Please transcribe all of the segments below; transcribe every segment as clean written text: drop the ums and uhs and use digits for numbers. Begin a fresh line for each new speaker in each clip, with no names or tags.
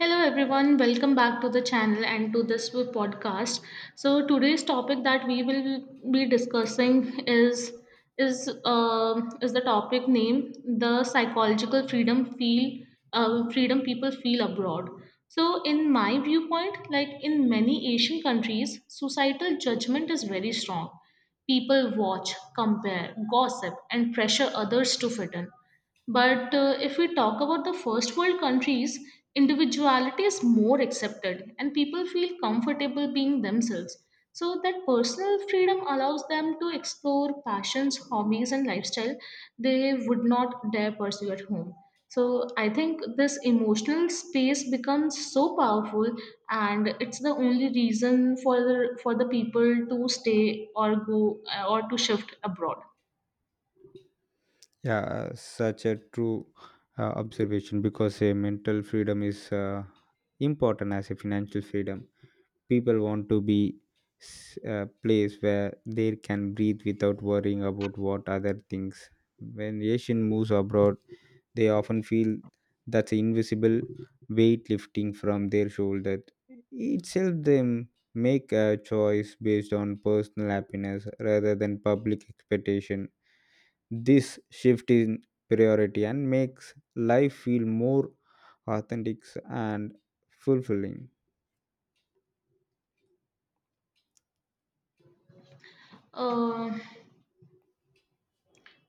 Hello everyone, welcome back to the channel and to this podcast. So today's topic that we will be discussing is the topic name, the psychological freedom feel, freedom people feel abroad. So in my viewpoint, like in many Asian countries, societal judgment is very strong. People watch, compare, gossip, and pressure others to fit in. But if we talk about the first world countries, individuality is more accepted and people feel comfortable being themselves. So that personal freedom allows them to explore passions, hobbies, and lifestyle they would not dare pursue at home. So I think this emotional space becomes so powerful, and it's the only reason for the people to stay or go, or to shift abroad.
Yeah, such a true observation because a mental freedom is important as a financial freedom. People want to be a place where they can breathe without worrying about what other things. When Asian moves abroad, they often feel that's an invisible weight lifting from their shoulder. It helps them make a choice based on personal happiness rather than public expectation, this shift in priority and makes life feel more authentic and fulfilling.
Uh,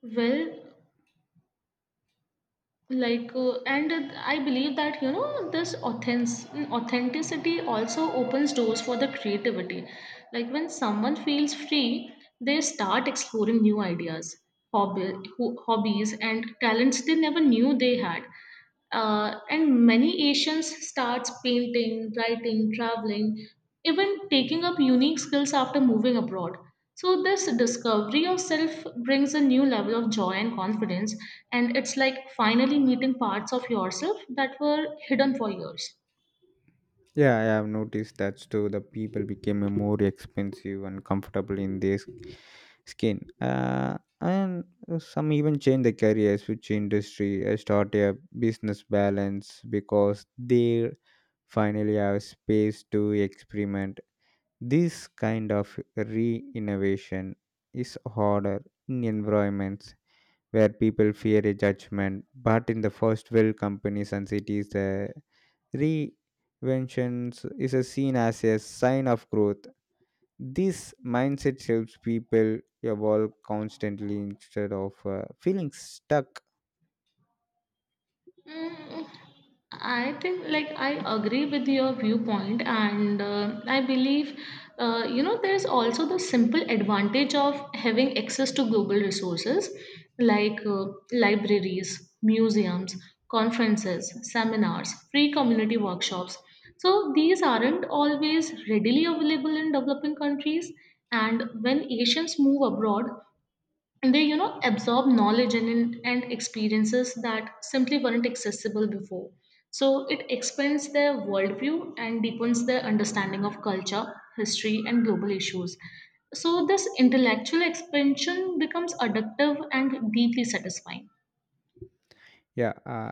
well, like and I believe that, you know, this authenticity also opens doors for the creativity, like when someone feels free they start exploring new ideas, hobby, hobbies and talents they never knew they had. And many Asians starts painting, writing, traveling, even taking up unique skills after moving abroad. So this discovery of self brings a new level of joy and confidence, and it's like finally meeting parts of yourself that were hidden for years.
Yeah, I have noticed that too. The people became a more expensive and comfortable in their skin, and some even change the career, switch industry, start a business balance because they finally have space to experiment. This kind of re-innovation is harder in environments where people fear a judgment. But in the first world companies and cities, the reinventions is a seen as a sign of growth. This mindset helps people evolve constantly instead of feeling stuck.
Mm, I think, like, I agree with your viewpoint, and I believe, you know, there's also the simple advantage of having access to global resources, like libraries, museums, conferences, seminars, free community workshops. So these aren't always readily available in developing countries, and when Asians move abroad, they, you know, absorb knowledge and experiences that simply weren't accessible before, so it expands their worldview and deepens their understanding of culture, history, and global issues. So this intellectual expansion becomes addictive and deeply satisfying.
Yeah,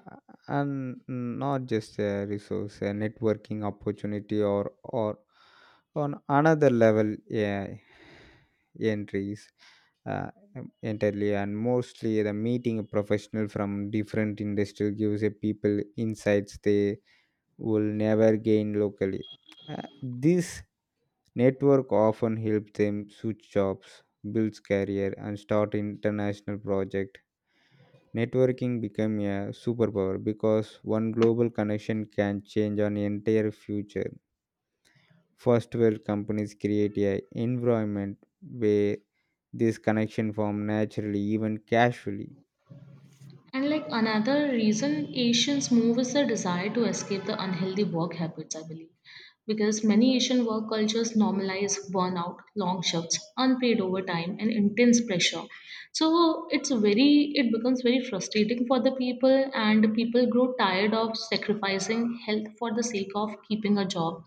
and not just a resource, a networking opportunity, or on another level, yeah, entries. uh, Entirely and mostly the meeting a professional from different industry gives a people insights they will never gain locally. Uh, this network often helps them switch jobs, builds career and start international project. Networking become a superpower because one global connection can change an entire future. First world companies create a environment where this connection form naturally, even casually.
And like another reason Asians move is the desire to escape the unhealthy work habits, I believe. Because many Asian work cultures normalize burnout, long shifts, unpaid overtime, and intense pressure. So it becomes very frustrating for the people, and people grow tired of sacrificing health for the sake of keeping a job.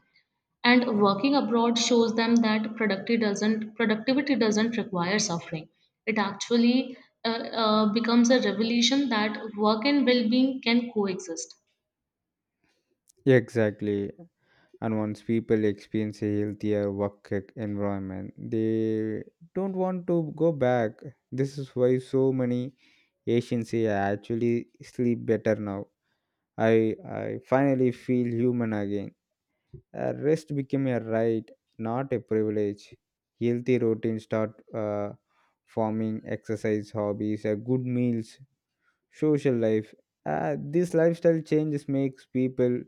And working abroad shows them that productivity doesn't require suffering. It actually uh, becomes a revelation that work and well-being can coexist.
Exactly. And once people experience a healthier work environment, they don't want to go back. This is why so many Asians here actually sleep better now. I finally feel human again. Rest became a right, not a privilege. Healthy routines start forming, exercise, hobbies, good meals, social life. This lifestyle changes makes people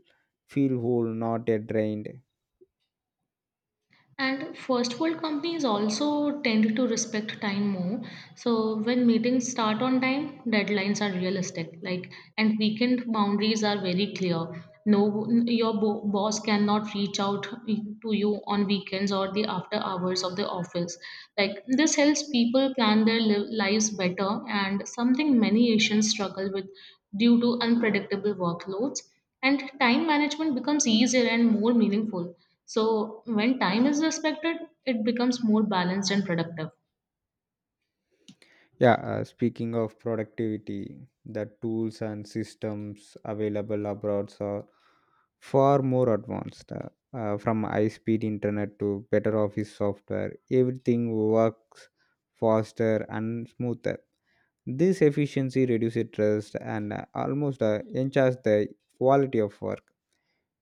feel whole, not drained.
And first world companies also tend to respect time more. So when meetings start on time, deadlines are realistic. Like, and weekend boundaries are very clear. No, your boss cannot reach out to you on weekends or the after hours of the office. Like, this helps people plan their lives better, and something many Asians struggle with due to unpredictable workloads. And time management becomes easier and more meaningful. So when time is respected, it becomes more balanced and productive.
Yeah, speaking of productivity, the tools and systems available abroad are far more advanced. From high-speed internet to better office software, everything works faster and smoother. This efficiency reduces stress and almost enhances the quality of work.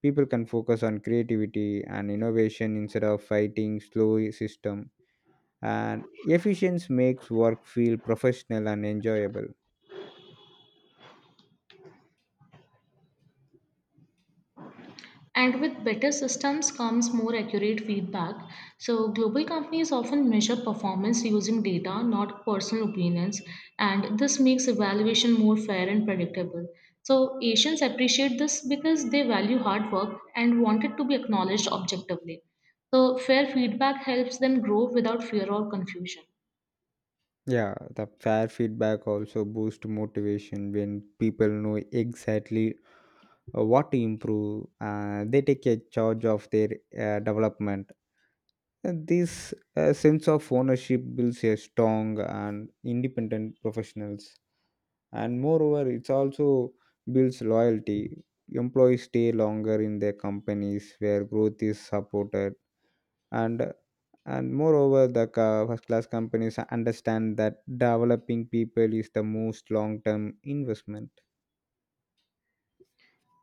People can focus on creativity and innovation instead of fighting slow system. And efficiency makes work feel professional and enjoyable.
And with better systems comes more accurate feedback. So global companies often measure performance using data, not personal opinions, and this makes evaluation more fair and predictable. So Asians appreciate this because they value hard work and want it to be acknowledged objectively. So fair feedback helps them grow without fear or confusion.
Yeah, the fair feedback also boosts motivation when people know exactly what to improve. They take a charge of their development. And this sense of ownership builds a strong and independent professionals. And moreover, it also builds loyalty. Employees stay longer in their companies where growth is supported, and and moreover the first class companies understand that developing people is the most long term investment.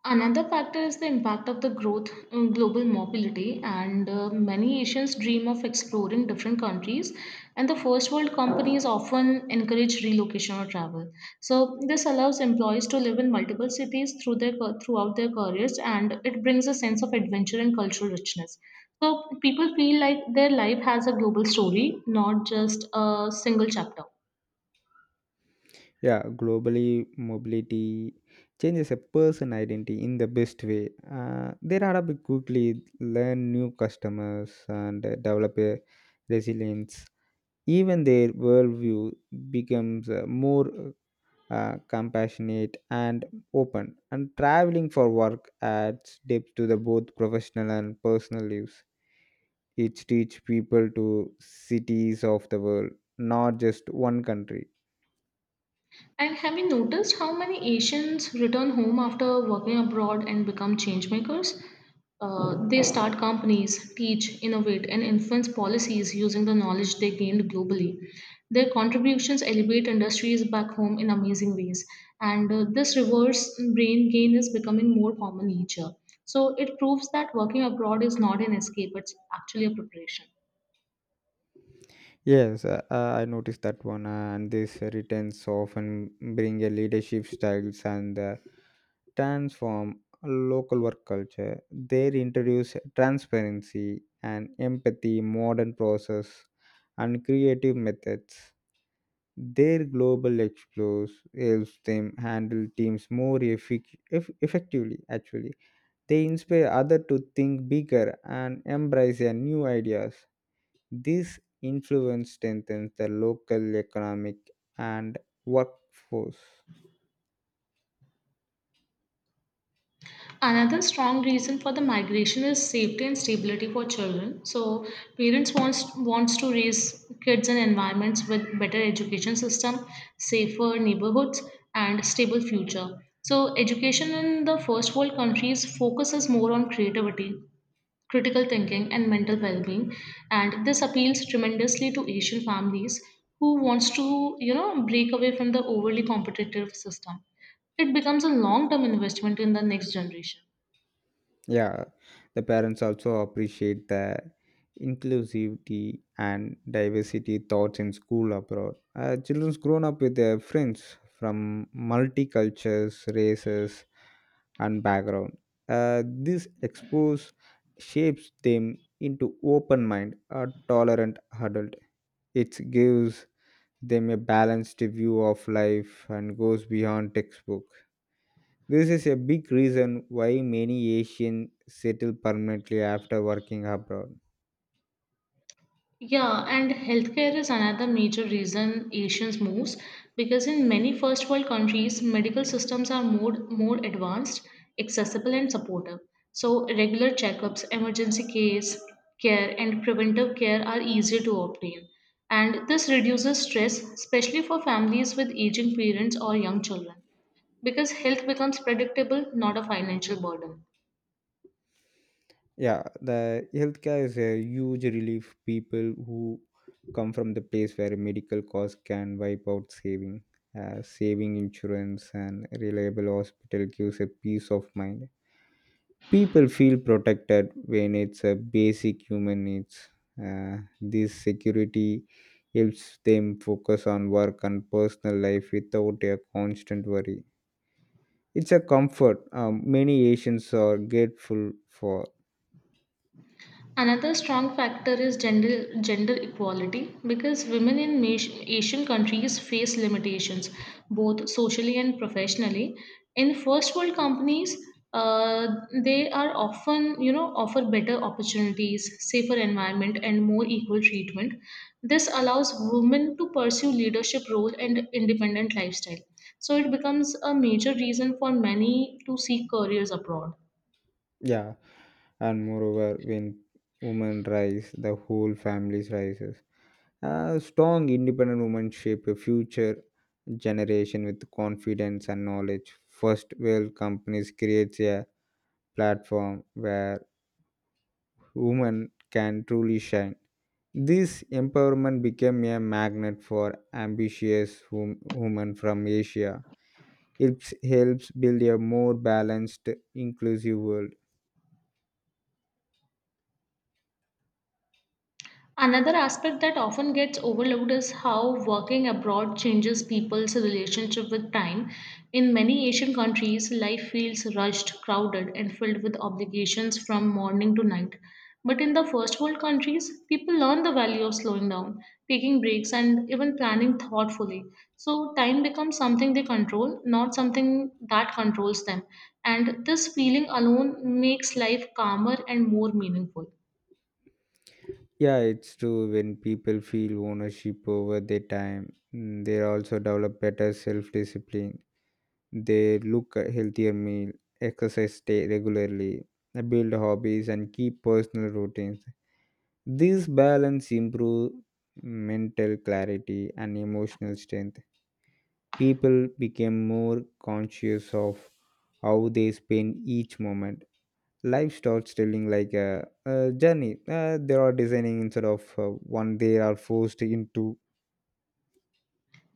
Another factor is the impact of the growth in global mobility, and many Asians dream of exploring different countries, and the first world companies often encourage relocation or travel. So this allows employees to live in multiple cities throughout their careers, and it brings a sense of adventure and cultural richness. So people feel like their life has a global story, not just a single chapter.
Yeah, globally mobility changes a person identity in the best way. Uh, they adapt quickly, learn new customers and develop a resilience, even their worldview becomes more compassionate and open, and traveling for work adds depth to the both professional and personal lives. It teach people to cities of the world, not just one country.
And have you noticed how many Asians return home after working abroad and become change makers? They start companies, teach, innovate, and influence policies using the knowledge they gained globally. Their contributions elevate industries back home in amazing ways, and this reverse brain gain is becoming more common in nature. So it proves that working abroad is not an escape; it's actually a preparation.
Yes, I noticed that one. Uh, and these returns often bring a leadership styles and transform local work culture. They introduce transparency and empathy, modern process and creative methods. Their global explores helps them handle teams more effectively. Actually, they inspire others to think bigger and embrace their new ideas. This influence strengthens the local economic and workforce.
Another strong reason for the migration is safety and stability for children. So parents wants to raise kids in environments with better education system, safer neighborhoods, and stable future. So education in the first world countries focuses more on creativity, critical thinking, and mental well-being, and this appeals tremendously to Asian families who wants to, you know, break away from the overly competitive system. It becomes a long-term investment in the next generation.
Yeah, the parents also appreciate the inclusivity and diversity thoughts in school abroad. Uh, children's grown up with their friends from multi cultures, races and background. Uh, this expose shapes them into open mind a tolerant adult. It gives them a balanced view of life and goes beyond textbook. This is a big reason why many Asians settle permanently after working abroad.
Yeah, and healthcare is another major reason Asians moves, because in many first world countries, medical systems are more advanced, accessible, and supportive. So regular checkups, emergency case care, and preventive care are easier to obtain. And this reduces stress, especially for families with aging parents or young children, because health becomes predictable, not a financial burden.
Yeah, the healthcare is a huge relief people who come from the place where medical costs can wipe out saving. Saving insurance and reliable hospital gives a peace of mind. People feel protected when it's a basic human needs. This security helps them focus on work and personal life without a constant worry. It's a comfort, many Asians are grateful for.
Another strong factor is gender equality, because women in Asian countries face limitations both socially and professionally. In first world companies, uh, they are often, you know, offer better opportunities, safer environment, and more equal treatment. This allows women to pursue leadership role and independent lifestyle. So it becomes a major reason for many to seek careers abroad.
Yeah, and moreover, when women rise, the whole family rises. A strong, independent woman shape a future generation with confidence and knowledge. First world companies creates a platform where women can truly shine. This empowerment became a magnet for ambitious women from Asia. It helps build a more balanced inclusive world.
Another aspect that often gets overlooked is how working abroad changes people's relationship with time. In many Asian countries, life feels rushed, crowded, and filled with obligations from morning to night. But in the first world countries, people learn the value of slowing down, taking breaks, and even planning thoughtfully. So time becomes something they control, not something that controls them. And this feeling alone makes life calmer and more meaningful.
Yeah, it's true, when people feel ownership over their time, mm, they also develop better self-discipline. They look a healthier meal, exercise stay regularly, build hobbies and keep personal routines. This balance improves mental clarity and emotional strength. People became more conscious of how they spend each moment. Livestock stealing like a journey they are designing instead of one they are forced into.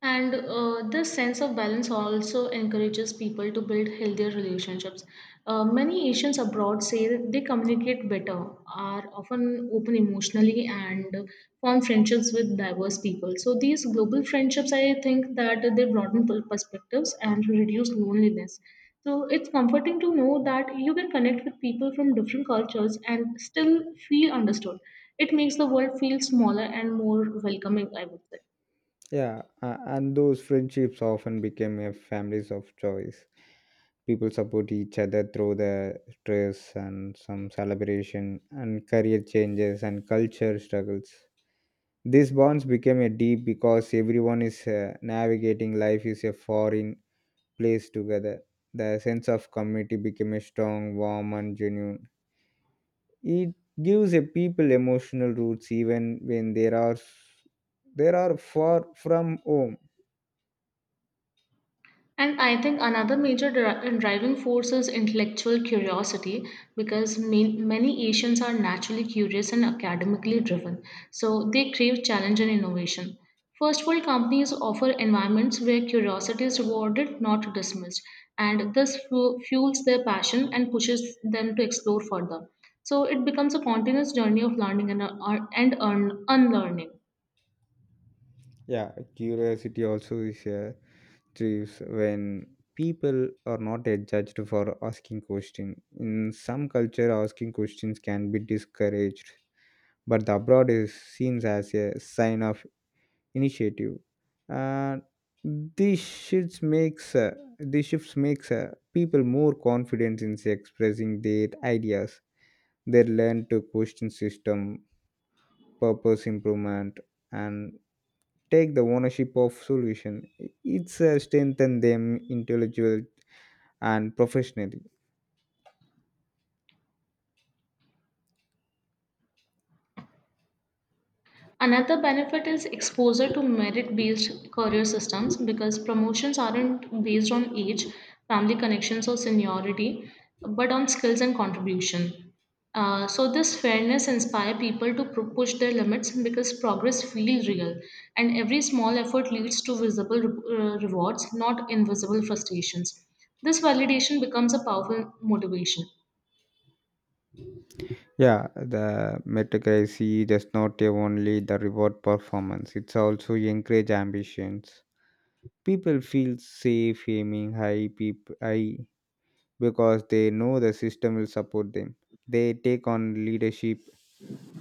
And this sense of balance also encourages people to build healthier relationships. Many Asians abroad say they communicate better, are often open emotionally, and form friendships with diverse people. So these global friendships, I think that they broaden perspectives and reduce loneliness. So it's comforting to know that you can connect with people from different cultures and still feel understood. It makes the world feel smaller and more welcoming, I would say.
Yeah, and those friendships often became a families of choice. People support each other through the stress and some celebration and career changes and culture struggles. These bonds became a deep because everyone is navigating life is a foreign place together. The sense of community became a strong, warm and genuine. It gives a people emotional roots even when there are far from home.
And I think another major driving force is intellectual curiosity, because many Asians are naturally curious and academically driven, so they crave challenge and innovation. First world companies offer environments where curiosity is rewarded, not dismissed, and this fuels their passion and pushes them to explore further. So it becomes a continuous journey of learning and, unlearning.
Yeah, curiosity also is a thrives when people are not judged for asking questions. In some culture, asking questions can be discouraged, but the abroad is seen as a sign of initiative. And this shifts makes uh, this shifts makes people more confident in expressing their ideas. They learn to question system, purpose improvement, and take the ownership of solution. It's strengthen them intellectual and professionally.
Another benefit is exposure to merit based career systems, because promotions aren't based on age, family connections, or seniority, but on skills and contribution. So this fairness inspires people to push their limits because progress feels real, and every small effort leads to visible rewards, not invisible frustrations. This validation becomes a powerful motivation.
Yeah, the meritocracy does not only the reward performance; it's also encourage ambitions. People feel safe aiming high, high because they know the system will support them. They take on leadership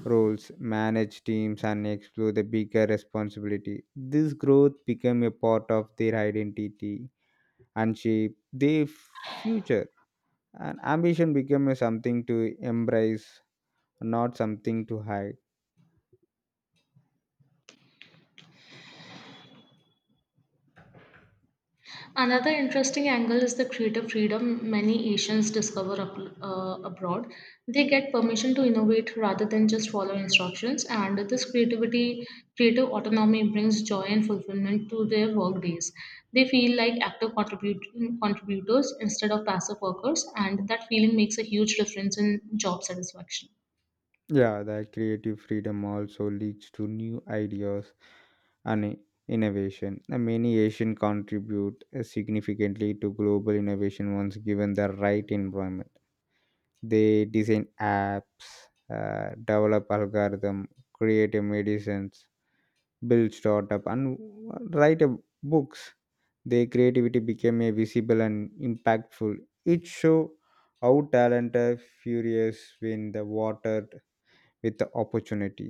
roles, manage teams, and explore the bigger responsibility. This growth became a part of their identity and shape their future. And ambition became a something to embrace, not something to hide.
Another interesting angle is the creative freedom many Asians discover abroad. They get permission to innovate rather than just follow instructions, and this creative autonomy brings joy and fulfillment to their work days. They feel like active contributors instead of passive workers, and that feeling makes a huge difference in job satisfaction.
Yeah, the creative freedom also leads to new ideas and innovation. And many Asian contribute significantly to global innovation once given the right environment. They design apps, develop algorithm, create a medicines, build startup and write a books. Their creativity became a visible and impactful. It show how talented furious when the watered with the opportunity.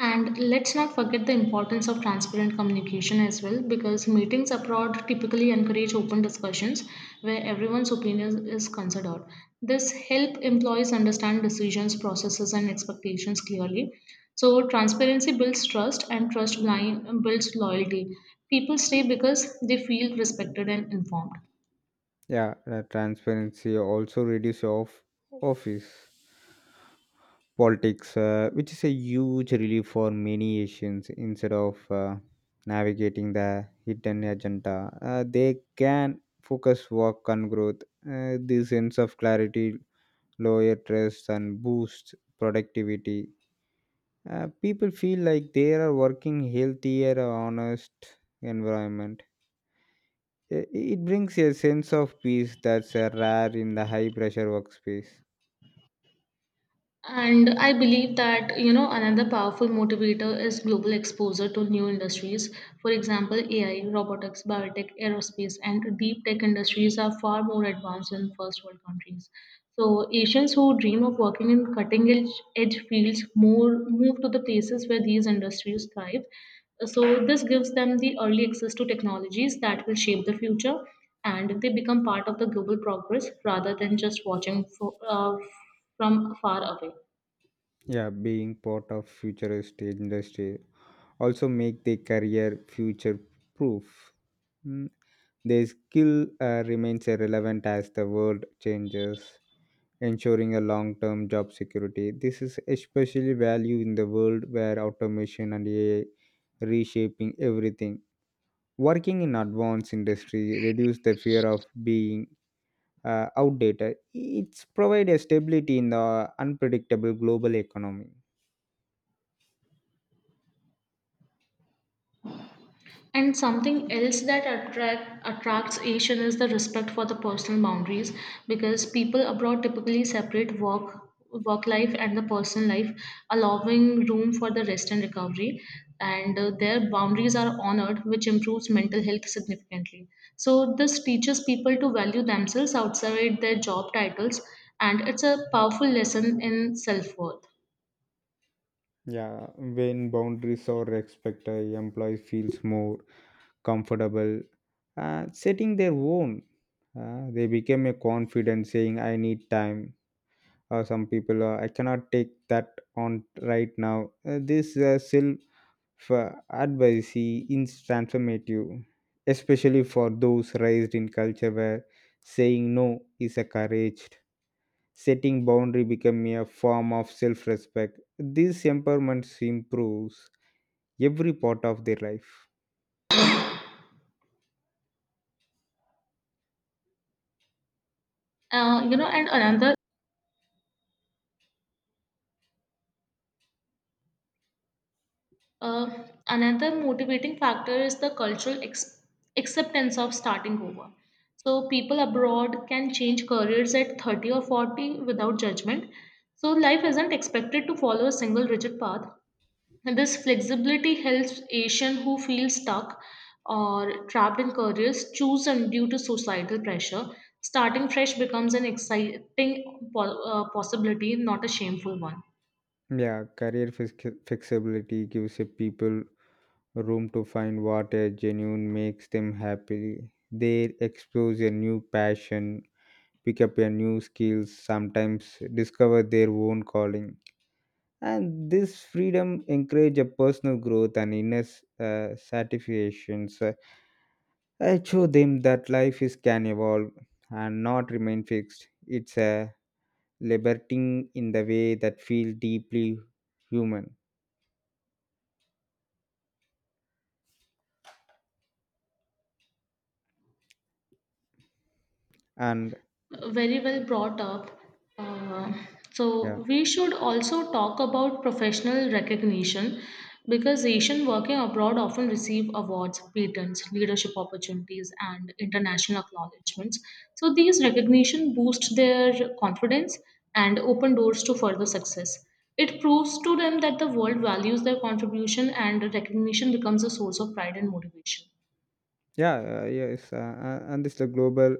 And let's not forget the importance of transparent communication as well, because meetings abroad typically encourage open discussions where everyone's opinion is considered. This helps employees understand decisions, processes, and expectations clearly. So transparency builds trust, and trust blind builds loyalty. People stay because they feel respected and informed.
Yeah, the transparency also reduce of office politics, which is a huge relief for many Asians. Instead of navigating the hidden agenda, they can focus work on growth. This sense of clarity, lower stress, and boosts productivity. People feel like they are working healthier, honest environment. It brings a sense of peace that's rare in the high pressure workspace.
And I believe that, you know, another powerful motivator is global exposure to new industries. For example, AI, robotics, biotech, aerospace, and deep tech industries are far more advanced in first world countries. So Asians who dream of working in cutting edge fields more move to the places where these industries thrive. So this gives them the early access to technologies that will shape the future, and they become part of the global progress rather than just watching for, from far away.
Yeah, being part of futuristic industry also make their career future proof. Mm, their skill remains relevant as the world changes, ensuring a long term job security. This is especially valued in the world where automation and AI reshaping everything. Working in advanced industry reduce the fear of being outdated. It's provide a stability in the unpredictable global economy.
And something else that attracts Asian is the respect for the personal boundaries, because people abroad typically separate work life and the personal life, allowing room for the rest and recovery. And their boundaries are honored, which improves mental health significantly. So this teaches people to value themselves outside their job titles, and it's a powerful lesson in self worth.
Yeah, when boundaries are respected, employees feels more comfortable setting their own. They became a confident saying, I need time. Or some people, I cannot take that on right now. This self advocacy is transformative, especially for those raised in culture where saying no is encouraged. Setting boundary become a form of self-respect. This empowerment improves every part of their life.
You know, and another Uh, another motivating factor is the cultural acceptance of starting over. So people abroad can change careers at 30 or 40 without judgment. So life isn't expected to follow a single rigid path. And this flexibility helps Asian who feel stuck or trapped in careers chosen due to societal pressure. Starting fresh becomes an exciting possibility, not a shameful one.
Yeah, flexibility gives a people room to find what a genuine makes them happy. They explore a new passion, pick up a new skills, sometimes discover their own calling. And this freedom encourage a personal growth and inner satisfactions. I show them that life is can evolve and not remain fixed. It's a liberating in the way that feel deeply human and
Very well brought up. Uh, so
yeah.
we should also talk about professional recognition, because Asian working abroad often receive awards, patents, leadership opportunities, and international acknowledgments. So these recognition boost their confidence and open doors to further success. It proves to them that the world values their contribution, and recognition becomes a source of pride and motivation.
Yeah, and this the global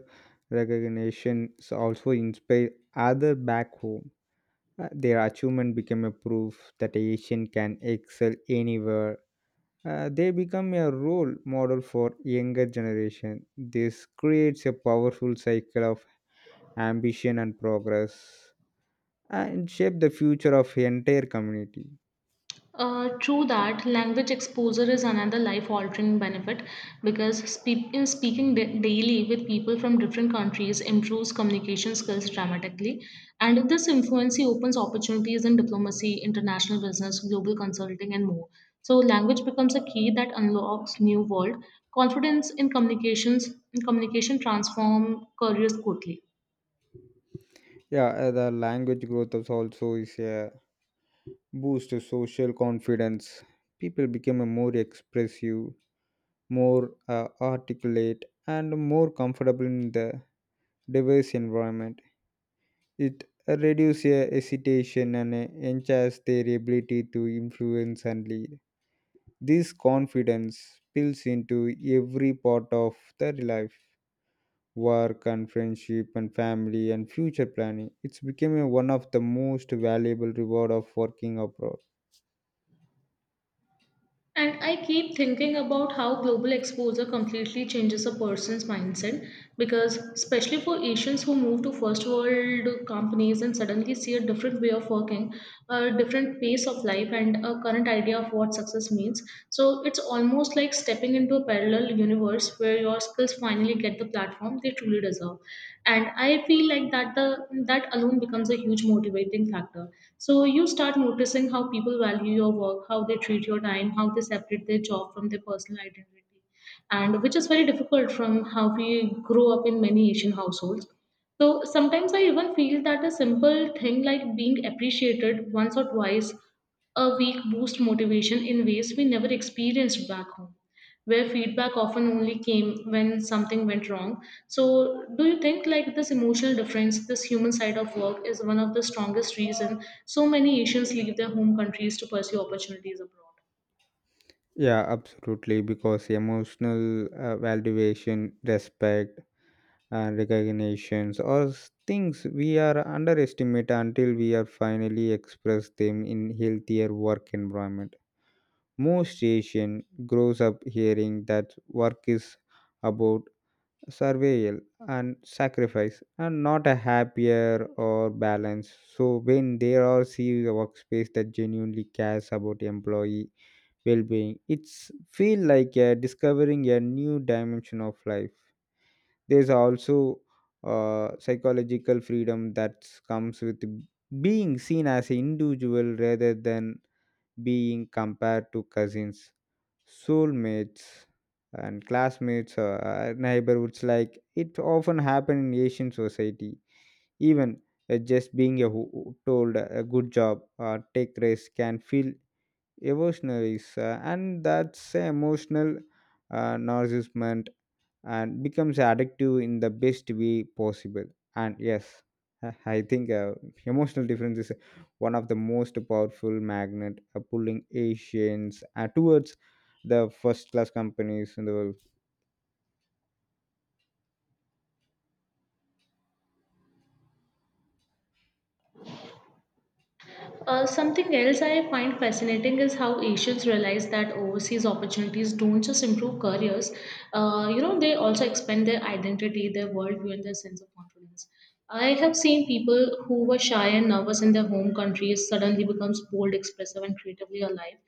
recognition also inspire other back home. Their achievement became a proof that Asian can excel anywhere. They become a role model for younger generation. This creates a powerful cycle of ambition and progress and shape the future of entire community.
True that language exposure is another life altering benefit, because in speaking daily with people from different countries improves communication skills dramatically. And this influency opens opportunities in diplomacy, international business, global consulting, and more. So language becomes a key that unlocks new world. Confidence in communication transform careers quickly.
Yeah, the language growth is also is a boost to social confidence. People become a more expressive, more articulate, and more comfortable in the diverse environment. It reduces hesitation and enhances their ability to influence and lead. This confidence spills into every part of their life, work and friendship and family and future planning. It's become one of the most valuable reward of working abroad.
And I keep thinking about how global exposure completely changes a person's mindset, because, especially for Asians who move to first world companies and suddenly see a different way of working, a different pace of life, and a current idea of what success means. So it's almost like stepping into a parallel universe where your skills finally get the platform they truly deserve. And I feel like that alone becomes a huge motivating factor. So you start noticing how people value your work, how they treat your time, how they separate their job from their personal identity. And which is very difficult from how we grow up in many Asian households. So sometimes I even feel that a simple thing like being appreciated once or twice a week boosts motivation in ways we never experienced back home, where feedback often only came when something went wrong. So, do you think like this emotional difference, this human side of work, is one of the strongest reason so many Asians leave their home countries to pursue opportunities abroad?
Yeah, absolutely. Because emotional valuation, respect, and recognitions are things we are underestimate until we are finally express them in healthier work environment. Most Asian grows up hearing that work is about survival and sacrifice and not a happier or balance. So when there are see a workspace that genuinely cares about employee well-being. It's feel like discovering a new dimension of life. There's also psychological freedom that comes with being seen as an individual rather than being compared to cousins, soulmates, and classmates, neighborhoods. Like it often happen in Asian society, even just being a who told a good job or take risk can feel evolutionaries, and that's a emotional nourishment and becomes addictive in the best way possible. And yes, I think emotional difference is one of the most powerful magnet pulling asians towards the first class companies in the world.
Something else I find fascinating is how Asians realize that overseas opportunities don't just improve careers. You know, they also expand their identity, their worldview, and their sense of confidence. I have seen people who were shy and nervous in their home countries suddenly becomes bold, expressive, and creatively alive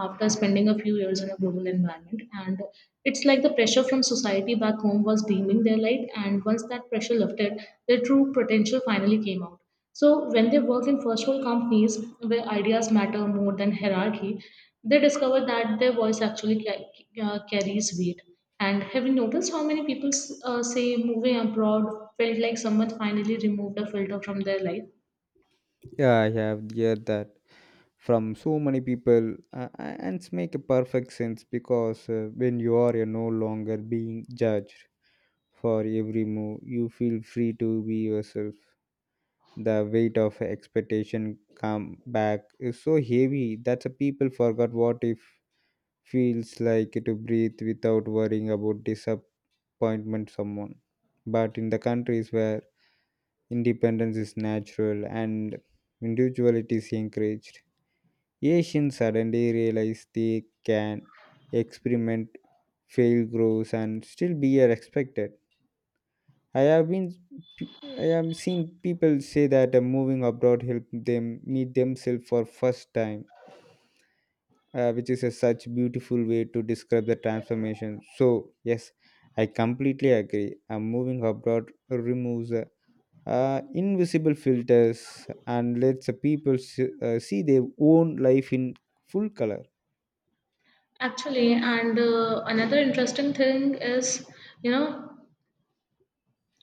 after spending a few years in a global environment. And it's like the pressure from society back home was dimming their light, and once that pressure lifted, their true potential finally came out. So when they work in first world companies where ideas matter more than hierarchy, they discover that their voice actually carries weight. And have you noticed how many people say moving abroad felt like someone finally removed a filter from their life?
Yeah, I have heard that from so many people. Uh, and it's make a perfect sense because when you are you're no longer being judged. For every move, you feel free to be yourself. The weight of expectation come back is so heavy that the people forgot what it feels like to breathe without worrying about disappointment someone. But in the countries where independence is natural and individuality is encouraged, Asians suddenly realize they can experiment, fail, grows, and still be respected. I have been I have seen people say that moving abroad helped them meet themselves for first time, which is a such beautiful way to describe the transformation. So yes, I completely agree. Moving abroad removes invisible filters and lets the people see their own life in full color.
Actually, and another interesting thing is, you know,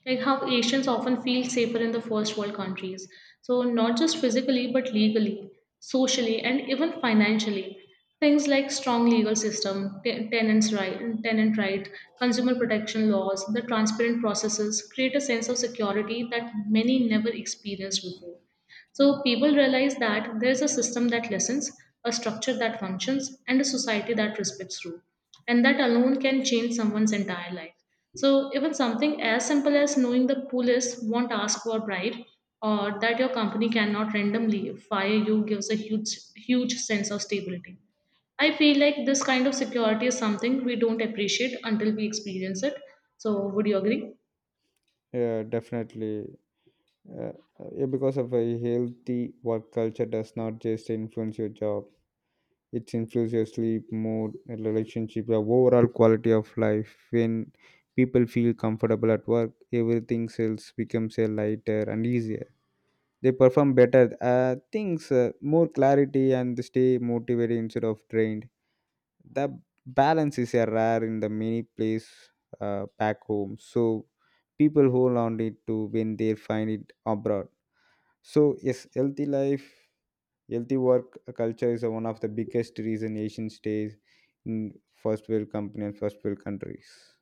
like how Asians often feel safer in the first world countries. So, not just physically, but legally, socially, and even financially. Things like strong legal system, tenant right, consumer protection laws, the transparent processes create a sense of security that many never experienced before. So people realize that there's a system that listens, a structure that functions, and a society that respects rule. And that alone can change someone's entire life. So even something as simple as knowing the police won't ask for a bribe or that your company cannot randomly fire you gives a huge sense of stability. I feel like this kind of security is something we don't appreciate until we experience it. So would you agree?
Yeah, definitely. Uh, yeah, because of a healthy work culture does not just influence your job. It influences sleep, mood, relationship, the overall quality of life. When people feel comfortable at work, everything else becomes a lighter and easier. They perform better things, more clarity, and they stay motivated instead of drained. The balance is a rare in the many place back home. So people hold on it to when they find it abroad. So yes, healthy work culture is one of the biggest reason Asian stays in first world company and first world countries.